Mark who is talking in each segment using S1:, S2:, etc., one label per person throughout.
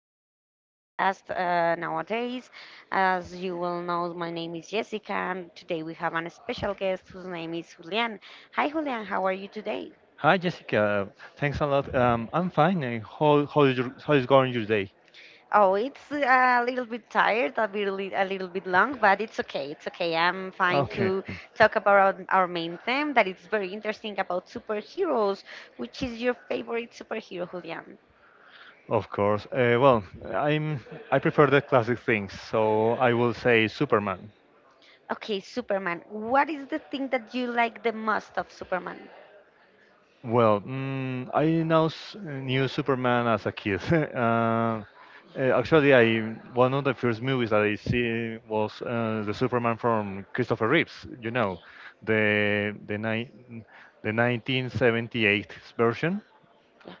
S1: podcast nowadays. As you will know, my name is Jessica, and today we have a special guest whose name is Julian. Hi, Julian. How are you today?
S2: Hi, Jessica. Thanks a lot. I'm fine. And how is your, how is going your day?
S1: Oh, it's a little bit tired, a little bit long, but it's okay. It's okay. I'm fine
S2: Okay,
S1: to talk about our main theme that is very interesting about superheroes. Which is your favorite superhero, Julian?
S2: of course. Well, I prefer the classic things, so I will say Superman.
S1: Okay, Superman. What is the thing that you like the most of Superman?
S2: Well, I now knew Superman as a kid. Actually, I one of the first movies that I see was the Superman from Christopher Reeves. You
S1: Yeah,
S2: know, the the ni- the 1978 version.
S1: yeah,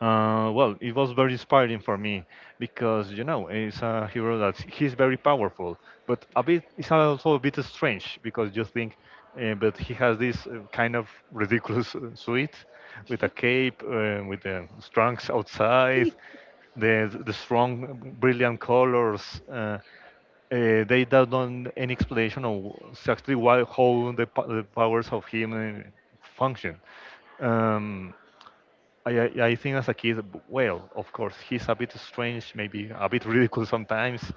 S2: Well, it was very inspiring for me because you know it's a hero that he's very powerful, but a bit it's also a bit strange because you think, but he has this kind of ridiculous suit with a cape, with the trunks outside, the strong, brilliant colors. They don't know any explanation of exactly why how the, the powers of him function. Um, I think as a kid, well, of course, he's a bit strange, maybe a bit ridiculous sometimes,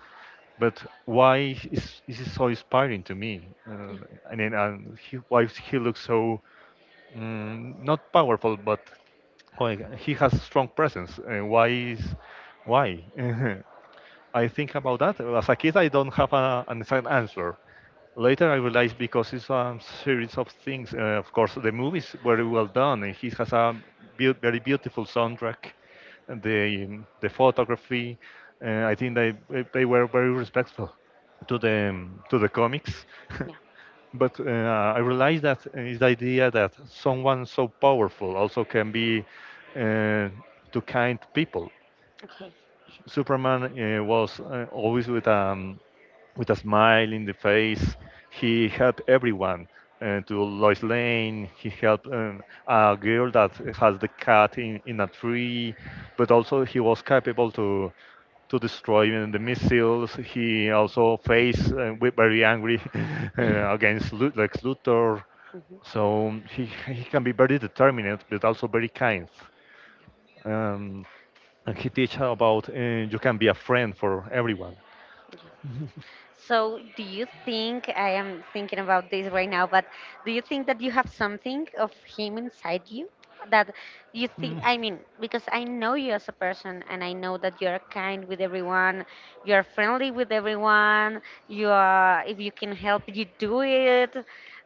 S2: but is he so inspiring to me? And then and he, why he looks so not powerful, but like, he has strong presence. Why? I think about that. As a kid, I don't have a, an exact answer. Later, I realized because it's a series of things. Of course, the movie is very well done, and he has a very beautiful soundtrack. And the photography, I think they were very respectful to the comics.
S1: yeah.
S2: But I realized that is the idea that someone so powerful also can be uh, to kind people.
S1: Okay.
S2: Superman was always with a smile in the face. He helped everyone. To Lois Lane, he helped a girl that has the cat in a tree, but also he was capable to destroy the missiles. He also faced very angry against Lex Luthor,
S1: Mhm.
S2: so he can be very determined but also very kind. Um, and he teach about you can be a friend for everyone.
S1: So, do you think, I am thinking about this right now, but do you think that you have something of him inside you that you
S2: Mm.
S1: think? I mean, because I know you as a person, and I know that you're kind with everyone, you're friendly with everyone. You are, if you can help, you do it.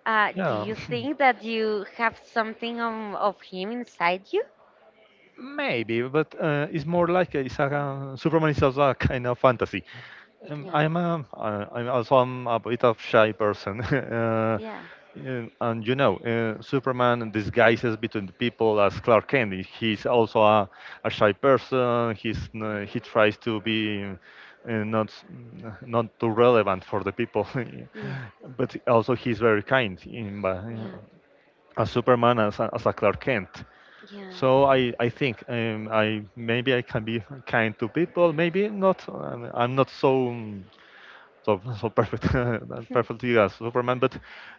S1: Do
S2: Yeah.
S1: you think that you have something of him inside you?
S2: Maybe, but it's more like it's a Superman is also a kind of fantasy.
S1: Yeah,
S2: I'm a bit of shy person,
S1: yeah,
S2: yeah, and you know, Superman disguises between the people as Clark Kent. He's also a shy person. He tries to be uh, not s- not too relevant for the people,
S1: yeah,
S2: but also he's very kind.
S1: yeah,
S2: As Superman as as a Clark Kent. So I think I maybe I can be kind to people. Maybe not. I'm not so so, so perfect not
S1: yeah.
S2: perfectly as Superman, but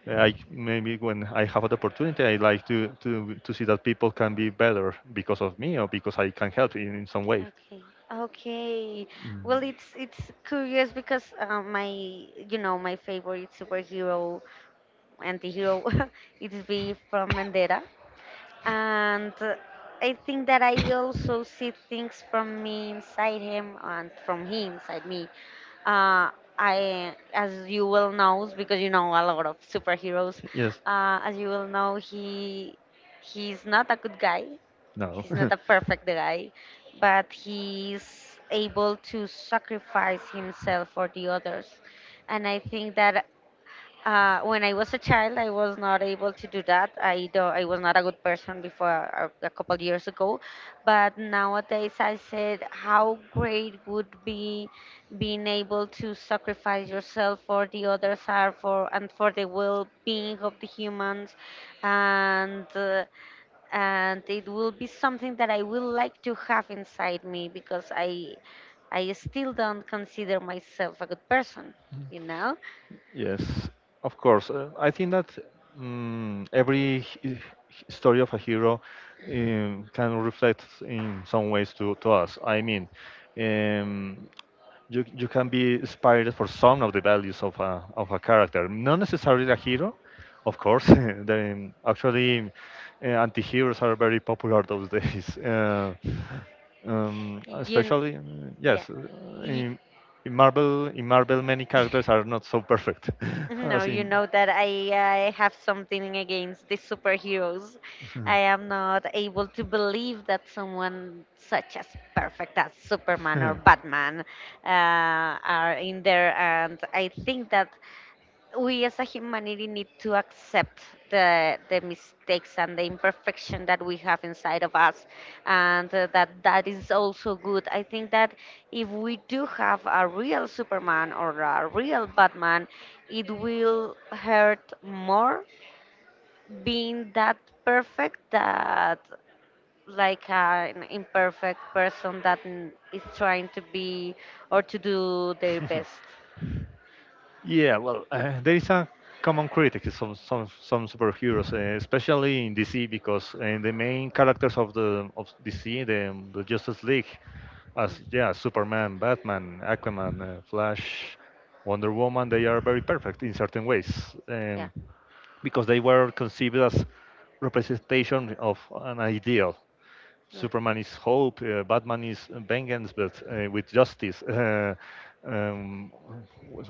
S2: I maybe when I have an opportunity, I like to see that people can be better because of me or because I can help in some way.
S1: Okay. Okay.
S2: Mm.
S1: Well, it's curious because my my favorite superhero, antihero it's V from Vendetta, and I think that I also see things from me inside him and from he inside me. Uh, I, as you well knows, because you know a lot of superheroes,
S2: Yes.
S1: as you will know, he's not a good guy.
S2: No.
S1: He's not a perfect guy, but he's able to sacrifice himself for the others, and I think that when I was a child, I was not able to do that. I was not a good person before a couple of years ago, but nowadays I said how great would be being able to sacrifice yourself for the others are for and for the well-being of the humans, and uh, and it will be something that I will like to have inside me because I still don't consider myself a good person, you know.
S2: Yes, of course. I think that every story of a hero can reflect in some ways to us. I mean, um, you can be inspired for some of the values of of a character, not necessarily a hero, of course. Then actually, anti-heroes are very popular those days.
S1: You.
S2: Especially yes
S1: Yeah. Y-.
S2: in, in marvel many characters are not so perfect
S1: No,
S2: as
S1: you
S2: in
S1: know that I have something against the superheroes. I am not able to believe that someone such as perfect as Superman or
S2: Mhm.
S1: Batman are in there, and I think that we as a humanity need to accept the mistakes and the imperfection that we have inside of us and that that is also good. I think that if we do have a real Superman or a real Batman, it will hurt more being that perfect that like an imperfect person that n- is trying to be or to do their best.
S2: Yeah, well, there is a common critic to some some superheroes, especially in DC, because the main characters of the of DC, the Justice League, as
S1: Yeah.
S2: yeah, Superman, Batman, Aquaman, Flash, Wonder Woman, they are very perfect in certain ways,
S1: Yeah,
S2: because they were conceived as representation of an ideal,
S1: yeah,
S2: Superman is hope, Batman is vengeance, but with justice. Um,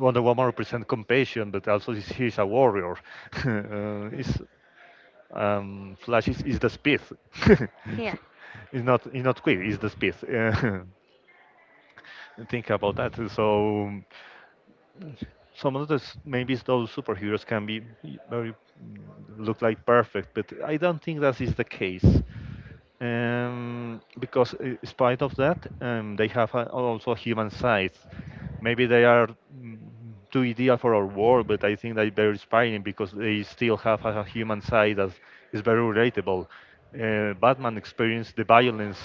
S2: Wonder Woman represents compassion, but also he is a warrior. Is
S1: yes.
S2: Flash is the speed.
S1: Yeah.
S2: It's not He's not quick. It's the speed. Think about that. So some of those maybe those superheroes can be very mm, look like perfect, but I don't think that is the case because in spite of that, they have also human sides. Maybe they are too ideal for our world, but I think they're very inspiring because they still have a human side that is very relatable. Batman experienced the violence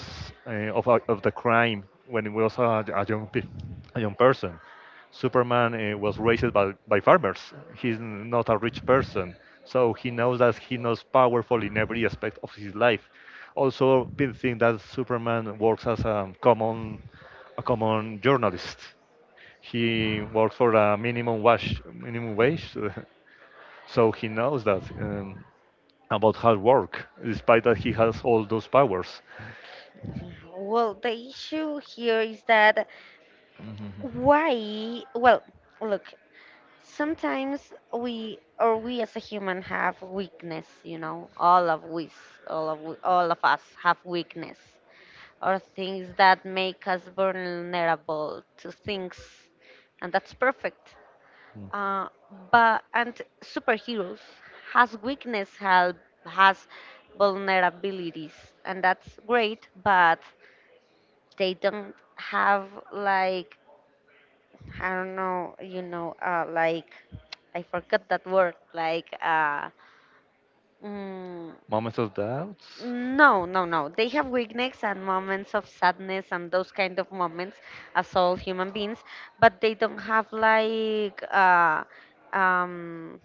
S2: of the crime when he was a young person. Superman was raised by farmers. Not a rich person, so he knows that he knows powerful in every aspect of his life. Also, people think that Superman works as a common journalist. He works for a minimum wage, so he knows that about hard work, despite that he has all those powers.
S1: Well, the issue here is that
S2: Mhm.
S1: why? Well, look, sometimes we or we as a human have weakness. All of us have weakness, or things that make us vulnerable to things, and that's perfect.
S2: Mm.
S1: Uh, but, and superheroes has weakness, help has vulnerabilities, and that's great. But they don't have like, I don't know, like, I forgot that word, like. Mm,
S2: Moments of doubts.
S1: No, no, no. They have weakness and moments of sadness and those kind of moments as all human beings, but they don't have like um,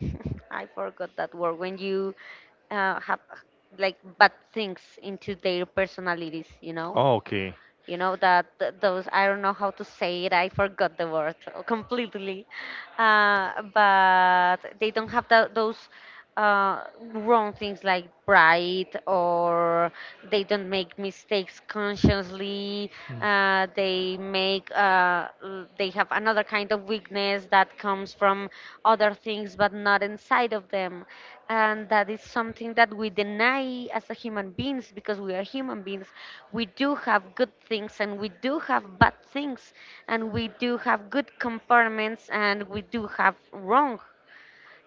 S1: I forgot that word. When you have like bad things into their personalities, you know?
S2: Oh, okay.
S1: You know that th- those, I don't know how to say it. I forgot the word completely. But they don't have that, those uh, wrong things like pride, or they don't make mistakes consciously. They make l- they have another kind of weakness that comes from other things but not inside of them. And that is something that we deny as a human beings because we are human beings. We do have good things and we do have bad things and we do have good compartments and we do have wrong,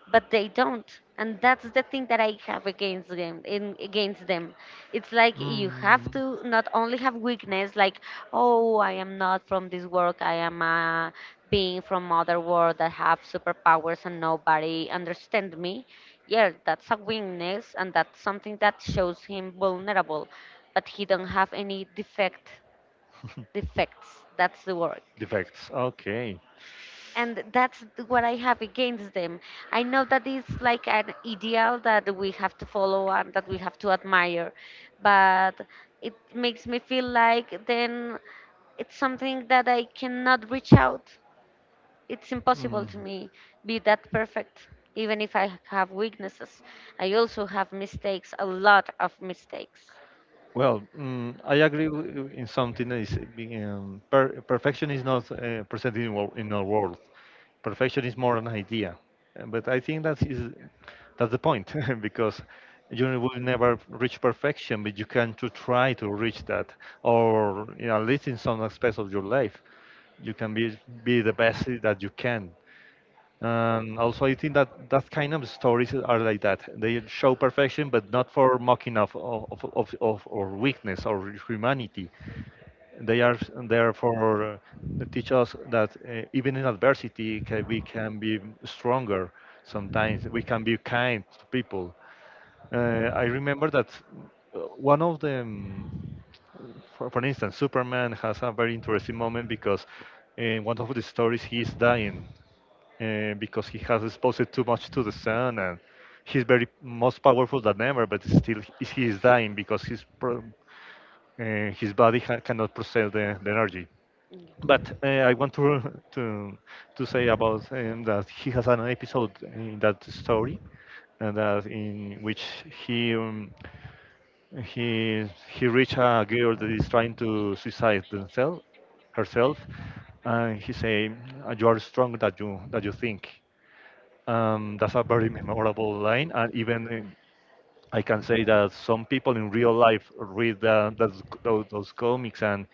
S1: but they don't, and that's the thing that I have against them in against them. It's like you
S2: Mm,
S1: have to not only have weakness, like, oh, I am not from this world, I am a being from other world that have superpowers and nobody understand me. Yeah, that's a weakness and that's something that shows him vulnerable, but he don't have any defect. Defects, that's the word.
S2: defects. Okay.
S1: And that's th- what I have against them. I know that it's like an ideal that we have to follow and that we have to admire, but it makes me feel like then it's something that I cannot reach out. It's impossible
S2: Mm.
S1: to me be that perfect, even if I have weaknesses. I also have mistakes, a lot of mistakes.
S2: Well, I agree in something that is being perfection is not present in, in our world. Perfection is more an idea. But I think that is that's the point because you will never reach perfection, but you can to try to reach that, or you know, at least in some aspects of your life, you can be the best that you can. And also, I think that that kind of stories are like that. They show perfection, but not for mocking of or weakness or humanity. They are there for to teach us that even in adversity, ca we can be stronger. Sometimes we can be kind to people. I remember that one of the for instance, Superman has a very interesting moment because in one of the stories he is dying because he has exposed too much to the sun and he's very most powerful than ever but still he is dying because his body cannot process the energy but I want to to say about that he has an episode in that story and that in which he um, he he reach a girl that is trying to suicide themselves herself and he say, You are stronger than you that you think." That's a very memorable line, and even I can say that some people in real life read the, those comics and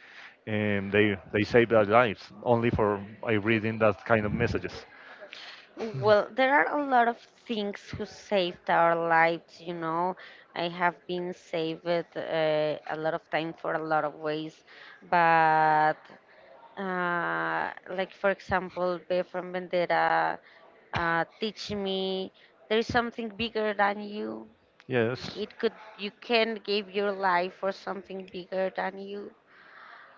S2: they save their lives only for by reading that kind of messages.
S1: Well, there are a lot of things who saved our lives. I have been saved a lot of time for a lot of ways, but like for example, B from Vendetta teach me there is something bigger than you.
S2: Yes.
S1: It could, you can give your life for something bigger than you.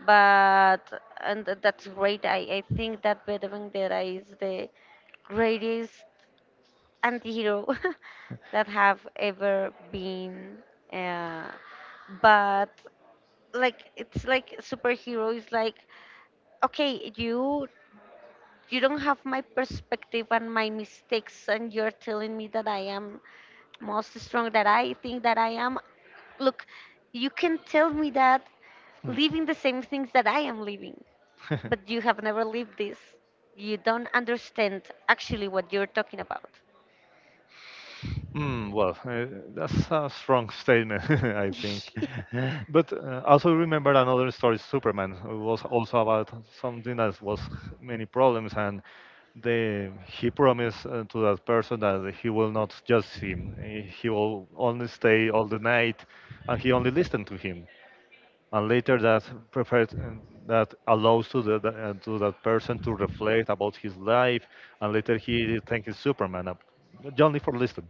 S1: But and th- that's great. I think that B from Vendetta is the greatest anti-hero that have ever been, uh, but like, it's like superhero is like, okay, you don't have my perspective and my mistakes and you're telling me that I am most strong that I think that I am. Look, you can tell me that living the same things that I am living, but you have never lived this. You don't understand actually what you're talking about.
S2: Well, that's a strong statement, I think. But also remember another story, Superman, it was also about something that was many problems, and the he promised to that person that he will not judge him. He will only stay all the night, and he only listened to him. And later, that prepared that allows to the, to that person to reflect about his life, and later he thanks Superman, only for listening.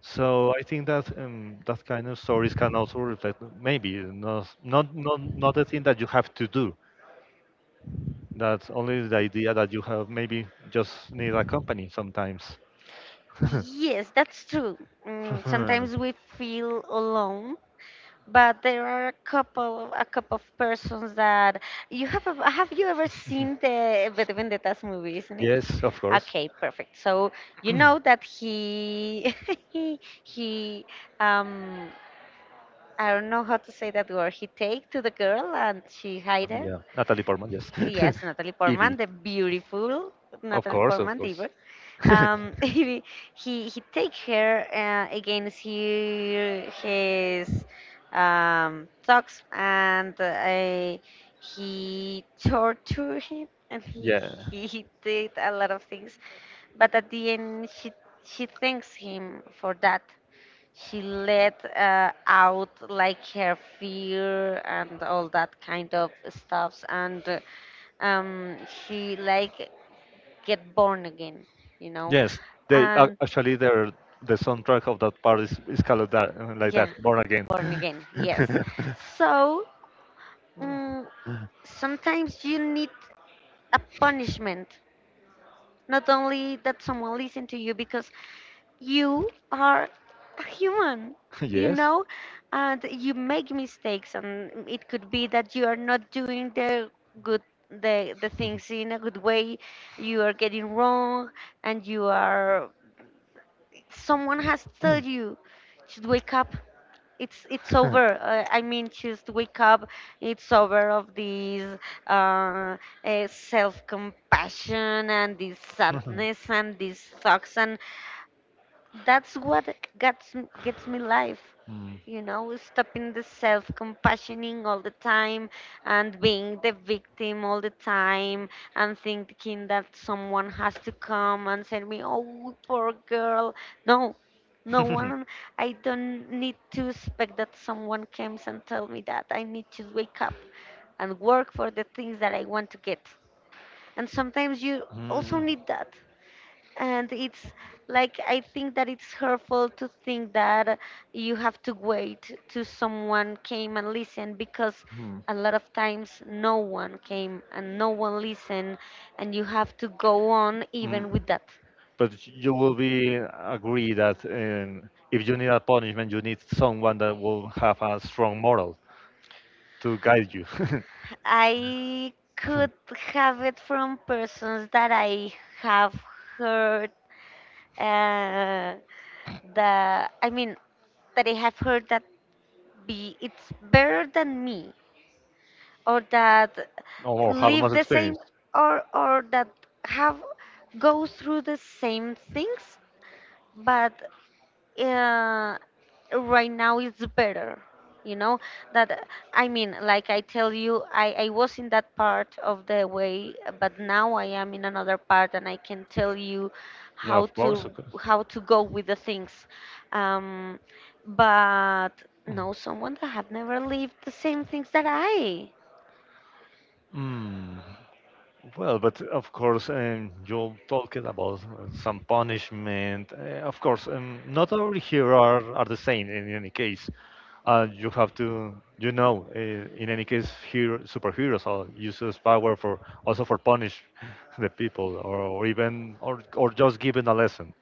S2: So I think that that kind of stories can also reflect maybe not the thing that you have to do. That's only the idea that you have maybe just need a company sometimes.
S1: Yes, that's true. Mm, sometimes we feel alone, but there are a couple of persons that you have. A-. Have you ever seen the V de Vendettas movie? Isn't it?
S2: Yes, of course.
S1: Okay, perfect. So, you know that he he um I don't know how to say that word. He take to the girl and she hide her.
S2: Yeah, Natalie Portman. Yes,
S1: Yes, Natalie Portman,
S2: Evie.
S1: the beautiful
S2: Of
S1: Natalie
S2: course, of
S1: Portman,
S2: course.
S1: diva. Um, he he take her against he, his thoughts and he tortured him and he,
S2: Yeah.
S1: he he did a lot of things. But at the end, she thanks him for that. She let out like her fear and all that kind of stuffs and. She like get born again, you know. Yes,
S2: Yes, they
S1: and
S2: actually the soundtrack of that part is called that
S1: like,
S2: like
S1: yeah,
S2: that, Born Again.
S1: born again. Yes. So, mm, sometimes you need a punishment, not only that someone listen to you, because you are a human, you Yes,
S2: Yes.
S1: know, and you make mistakes, and it could be that you are not doing the good, the things in a good way, you are getting wrong, and you yes, are. Someone has told you, just wake up. It's over. I mean, just wake up. It's over of this uh, self compassion and this
S2: Mm.
S1: sadness and these thoughts. And that's what gets m- gets me life, you know, stopping the self compassioning all the time and being the victim all the time and thinking that someone has to come and send me, oh, poor girl. No, no one. I don't need to expect that someone comes and tell me that I need to wake up and work for the things that I want to get. And sometimes you
S2: Mm,
S1: also
S2: mm,
S1: need that, and it's like, I think that it's hurtful to think that you have to wait till someone came and listened, because a lot of times no one came and no one listened, and you have to go on
S2: mm.
S1: even with that.
S2: But you will be agree that if you need a punishment, you need someone that will have a strong moral to guide you,
S1: I could have it from persons that I have heard, uh, the, I mean, that I have heard that be it's better than me, or that
S2: or have
S1: live
S2: much
S1: the same,
S2: experience.
S1: or that have go through the same things, but uh, right now it's better, you know, that I mean, like I tell you, I was in that part of the way, but now I am in another part and I can tell you
S2: Yeah,
S1: how
S2: of
S1: to
S2: course. Of course.
S1: how to go with the things. um, but no someone that have never lived the same things that I.
S2: Mm. Well, but of course, you talked about some punishment. Of course, not all here are the same in any case. You have to, you know, in any case, here superheroes are uses power for also for punish the people, or just giving a lesson.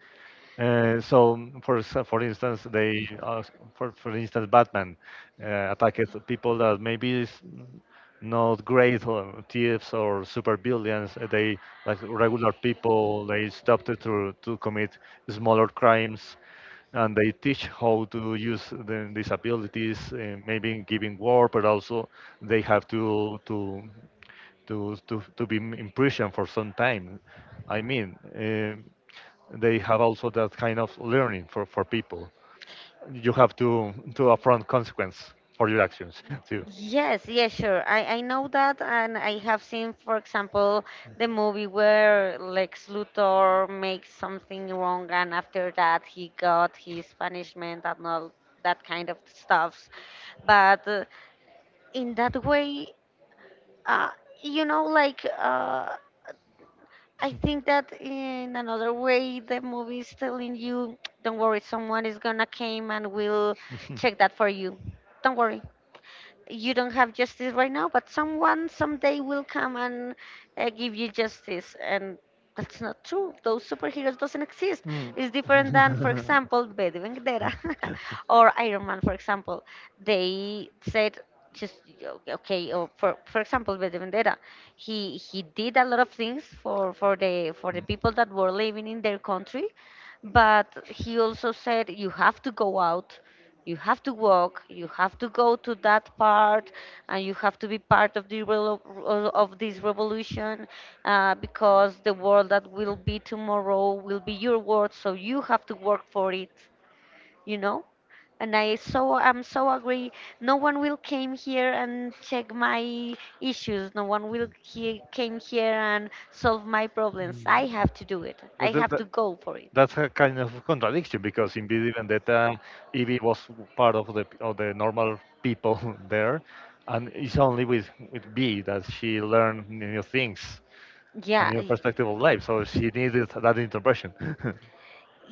S2: So for instance, they for instance Batman attacked people that maybe is not great or thieves or super villains. They like regular people. They stopped it to commit smaller crimes, and they teach how to use the disabilities, maybe in giving war, but also they have to be in prison for some time. I mean. They have also that kind of learning for people. You have to affront consequence for your actions too.
S1: Yes, yes, sure. I know that, and I have seen, for example, the movie where Lex Luthor makes something wrong, and after that he got his punishment and all that kind of stuff. But in that way, uh, you know, like uh, I think that in another way, the movie is telling you, don't worry, someone is gonna came and will check that for you. Don't worry. You don't have justice right now, but someone someday will come and give you justice. And that's not true. Those superheroes doesn't exist.
S2: Mm.
S1: It's different than, for example, V de Vendetta or Iron Man, for example. They said just o- okay. Or for example, V de Vendetta, he did a lot of things for the people that were living in their country, but he also said you have to go out, you have to walk, you have to go to that part, and you have to be part of the of this revolution because the world that will be tomorrow will be your world, so you have to work for it you know and I so I'm so agree. No one will came here and check my issues. No one will he came here and solve my problems. I have to do it. I
S2: But that,
S1: have to
S2: that-
S1: go for it.
S2: that's a kind of contradiction because in V D Vendetta, Evie was part of the normal people there, and it's only with B that she learned new things. Yeah. A
S1: Yeah,
S2: new perspective of life. So she needed that intervention.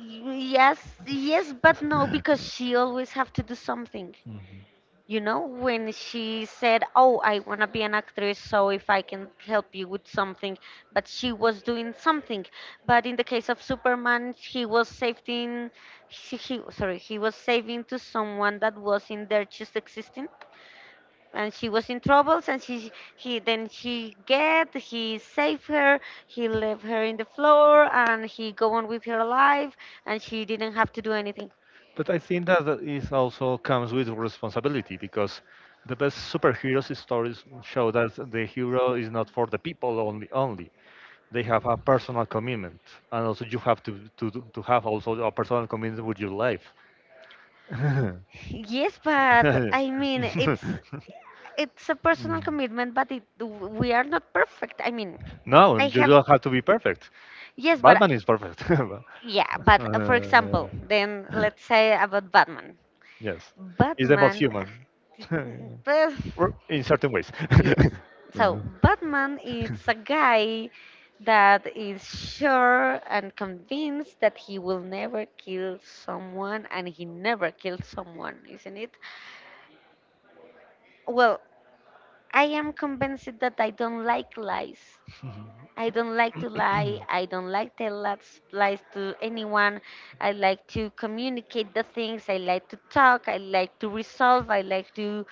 S1: yes, yes, but no, because she always have to do something.
S2: Mhm.
S1: You know, when she said, "Oh, I wanna be an actress, so if I can help you with something," but she was doing something. But in the case of Superman, he was saving, he sorry, he was saving to someone that was in there just existing, and she was in troubles, and she he then she get he saved her. He left her in the floor and he go on with her life, and she didn't have to do anything.
S2: But I think that is also comes with responsibility because the best superheroes stories show that the hero is not for the people only. They have a personal commitment, and also you have to to have also a personal commitment with your life. Correct.
S1: Yes, but I mean it's a personal commitment, but it, we are not perfect. I mean,
S2: No,
S1: I
S2: you
S1: have,
S2: don't have to be perfect.
S1: yes, but
S2: Batman is perfect.
S1: yeah, but for example,
S2: Uh,
S1: then let's say about Batman.
S2: a Yes, he's the most
S1: Batman.
S2: human,
S1: Human. Well,
S2: or in certain ways.
S1: yes.
S2: Uh,
S1: So Batman is a guy that is sure and convinced that he will never kill someone, and he never killed someone, isn't it? Well, I am convinced that I don't like lies. I don't like to lie. I don't like to tell lies to anyone. I like to communicate the things. I like to talk. I like to resolve. I like to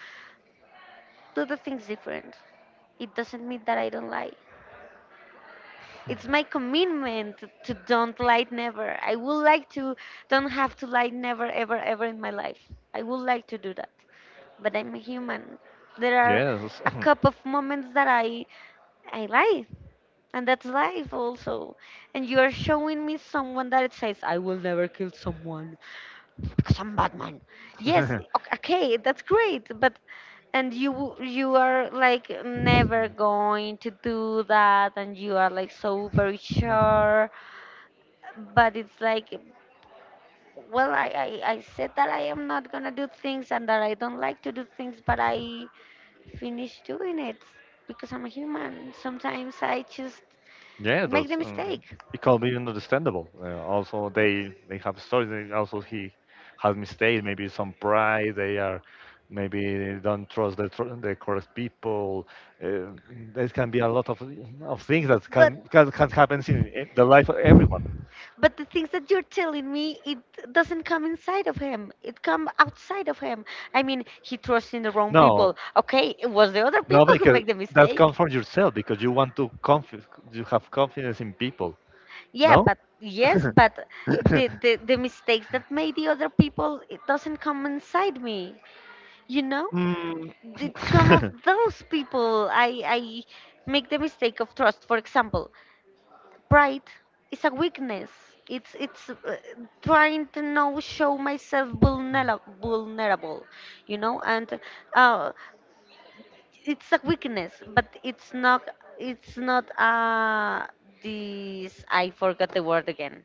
S1: do the things different. It doesn't mean that I don't lie.
S2: no
S1: It's my commitment to don't lie never. I would like to don't have to lie never ever ever in my life. I would like to do that. But I'm a human. There are
S2: Yes.
S1: a couple of moments that I lie. And that's life also. And you are showing me someone that it says I will never kill someone because I'm Batman. Yes, okay, that's great, but and you are like never going to do that, and you are like so very sure, but it's like, well, I said that I am not gonna do things and that I don't like to do things, but I finish doing it because I'm a human. Sometimes I just
S2: Yeah,
S1: make the
S2: that's
S1: mistake.
S2: it can be understandable. Also, they have stories. And also, he has mistakes. Maybe some pride. They are maybe they don't trust the correct people. Uh, there can be a lot of things that
S1: But
S2: can happen in the life of everyone.
S1: but the things that you're telling me, it doesn't come inside of him, it come outside of him. I mean, he trusts in the wrong people.
S2: No,
S1: Okay, it was the other
S2: no,
S1: people who
S2: because
S1: make the
S2: that
S1: mistake.
S2: comes from yourself because you have confidence in people.
S1: Yeah,
S2: No.
S1: but yes, but the mistakes that made the other people, it doesn't come inside me. You know,
S2: Mm.
S1: it's come of those people. I make the mistake of trust. For example, pride is a weakness. It's trying to now show myself vulnerable, you know, and uh, it's a weakness, but it's not, it's not this, I forgot the word again.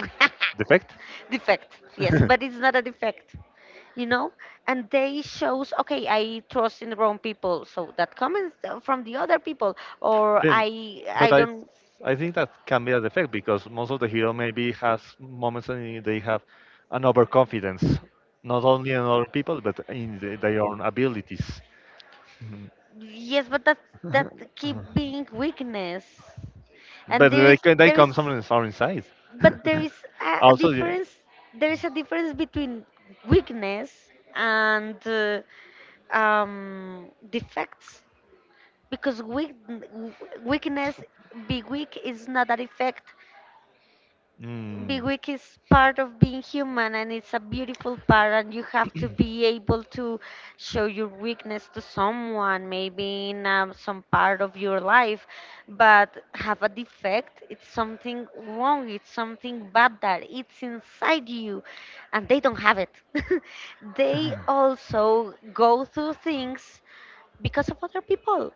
S2: Defect?
S1: Defect, yes, but it's not a defect, you know. And they shows, okay, I trust in the wrong people, so that comes from the other people, or
S2: Then,
S1: i
S2: but
S1: i
S2: I,
S1: don't.
S2: I think that can be a defect because most of the hero maybe has moments when they have an overconfidence, not only in other people but in the, their own abilities. Mhm.
S1: Yes, but that keep being weakness. And
S2: But
S1: there is,
S2: they can they
S1: there is,
S2: come from the foreign side.
S1: but there is a
S2: Also, yeah.
S1: difference. There is a difference between weakness and defects. Because weak, weakness, be weak is not a defect. Big
S2: Mm.
S1: weak is part of being human and it's a beautiful part, and you have to be able to show your weakness to someone maybe in some part of your life. But have a defect, it's something wrong, it's something bad that it's inside you, and they don't have it. They also go through things because of other people.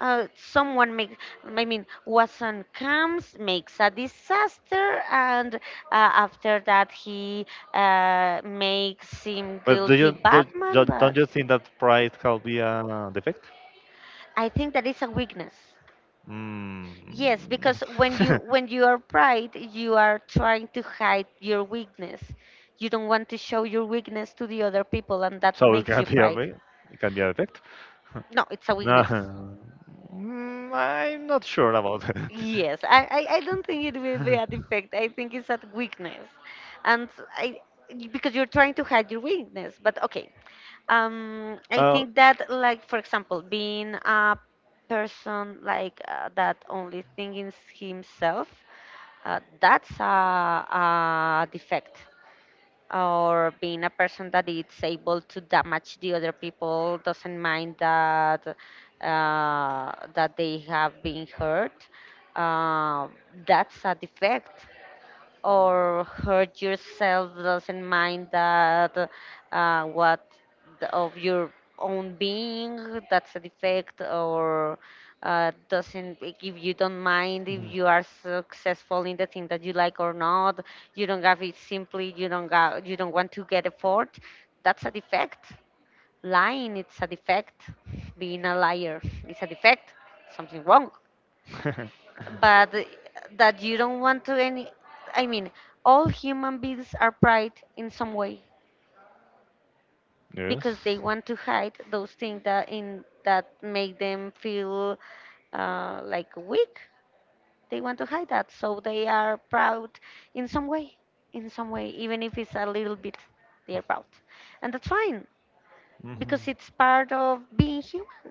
S1: Someone makes, I mean, Watson comes, makes a disaster, and after that he makes him
S2: But
S1: guilty Batman,
S2: do
S1: but
S2: don't you think that pride can be a defect?
S1: I think that is a weakness.
S2: Mm.
S1: Yes, because when you, when you are pride, you are trying to hide your weakness. You don't want to show your weakness to the other people, and that
S2: So it
S1: makes
S2: can
S1: you
S2: be a
S1: pride.
S2: way. It can be a defect.
S1: No, it's a
S2: No,
S1: weakness.
S2: I'm not sure about that.
S1: Yes, I don't think it will be a defect. I think it's a weakness. And I, because you're trying to hide your weakness. But okay. I
S2: Uh,
S1: think that, like, for example, being a person like that only thinks himself, that's a defect. Or being a person that is able to damage the other people, doesn't mind that that they have been hurt, uh, that's a defect. Or hurt yourself, doesn't mind that what the, of your own being, that's a defect. Or doesn't, if you don't mind if
S2: mm.
S1: you are successful in the thing that you like or not, you don't have it, simply you don't got, you don't want to get effort, that's a defect. Lying, it's a defect. Being a liar is a defect, something wrong. But that you don't want to any, I mean, all human beings are pride in some way,
S2: yes.
S1: because they want to hide those things that in that make them feel like weak. They want to hide that, so they are proud in some way, in some way, even if it's a little bit, they are proud. And that's fine,
S2: Mhm.
S1: because it's part of being human.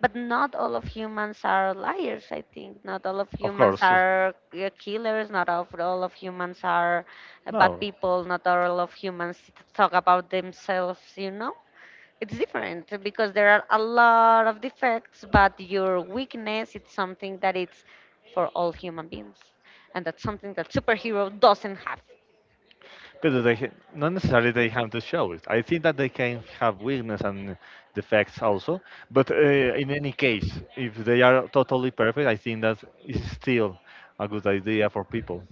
S1: But not all of humans are liars, I think. Not all of
S2: Of
S1: humans
S2: course.
S1: are killers. Not all of, all of humans are bad
S2: No.
S1: people. Not all of humans talk about themselves, you know? It's different because there are a lot of defects, but your weakness, it's something that it's for all human beings. And that's something that superhero doesn't have.
S2: Because not necessarily they have to show it. I think that they can have weakness and defects also. But in any case, if they are totally perfect, I think that is still a good idea for people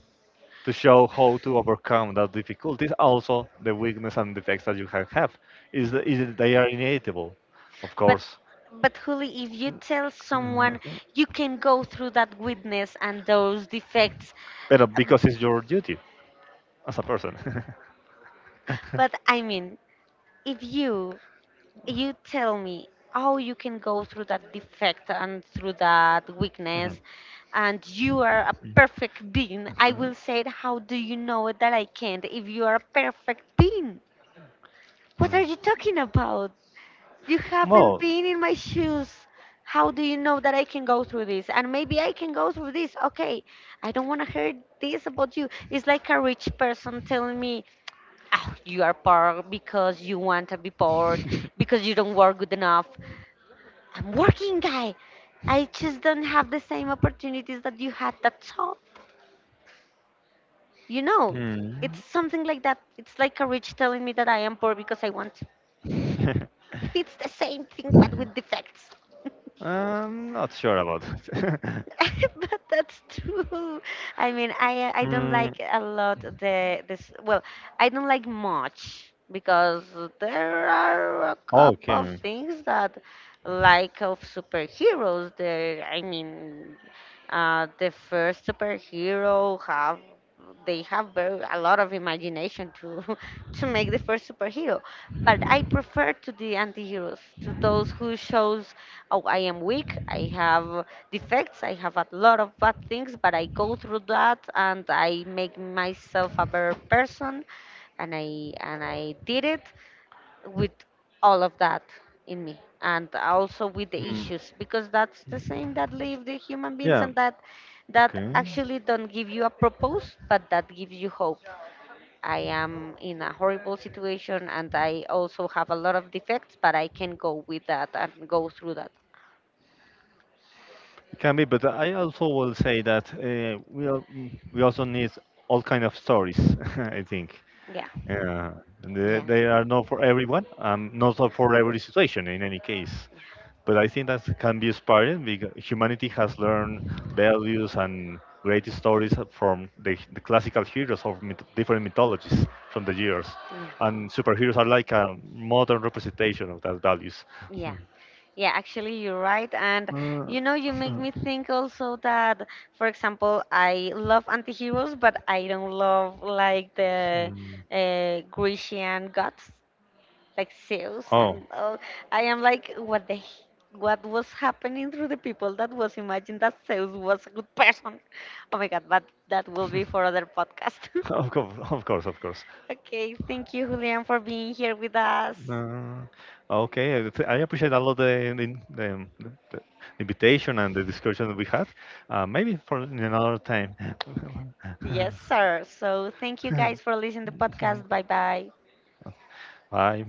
S2: to show how to overcome that difficulties. Also, the weakness and defects that you can have is they are inevitable, of
S1: But
S2: course.
S1: but Huli, if you tell someone you can go through that weakness and those defects.
S2: But because it's your duty as a person.
S1: But I mean, if you tell me how you can go through that defect and through that weakness, and you are a perfect being, I will say, how do you know that I can't? If you are a perfect being, what are you talking about? You haven't been in my shoes. How do you know that I can go through this? And maybe I can go through this. Okay, I don't want to hear this about you. It's like a rich person telling me, "Ah, you are poor because you want to be poor, because you don't work good enough. I'm working, guy. I just don't have the same opportunities that you had. That's all. You know, it's something like that. It's like a rich telling me that I am poor because I want. It's the same thing, but with defects.
S2: I'm not sure about it. I
S1: But that's true. I mean, I don't like a lot the this. Well, I don't like much because there are a
S2: about
S1: couple of
S2: okay.
S1: things that like of superheroes. There, I mean, the first superhero have, they have very, a lot of imagination to to make the first superhero. But I prefer to the anti-heroes, to those who shows, oh, I am weak, I have defects. I have a lot of bad things, but I go through that and I make myself a better person. And I did it with all of that in me, and also with the issues, because that's the same that live the human beings,
S2: Yeah.
S1: and that that actually don't give you a purpose, but that gives you hope. I am in a horrible situation and I also have a lot of defects, but I can go with that and go through that.
S2: Can be, but I also will say that mm, we also need all kind of stories. I think
S1: Yeah.
S2: uh,
S1: Yeah.
S2: they are not for everyone, not so for every situation in any case.
S1: Yeah.
S2: But I think that can be inspiring because humanity has learned values and great stories from the classical heroes of different mythologies from the years, and superheroes are like a modern representation of that values.
S1: Yeah, yeah, actually, you're right. And you
S2: You
S1: know, you make
S2: know,
S1: me think also that, for example, I love anti-heroes, but I don't love like the
S2: mm.
S1: Grecian gods. Like Sales
S2: Oh.
S1: and all. I am like, what the, what was happening through the people that was imagined that Sales was a good person. Oh my God, but that will be for other podcast.
S2: Of course, of course, of course.
S1: Okay, thank you, Julian, for being here with us.
S2: Uh, okay, I appreciate a lot the invitation and the discussion we had. Maybe for in another time.
S1: Yes, sir. So thank you guys for listening to the podcast. Bye bye.
S2: Bye.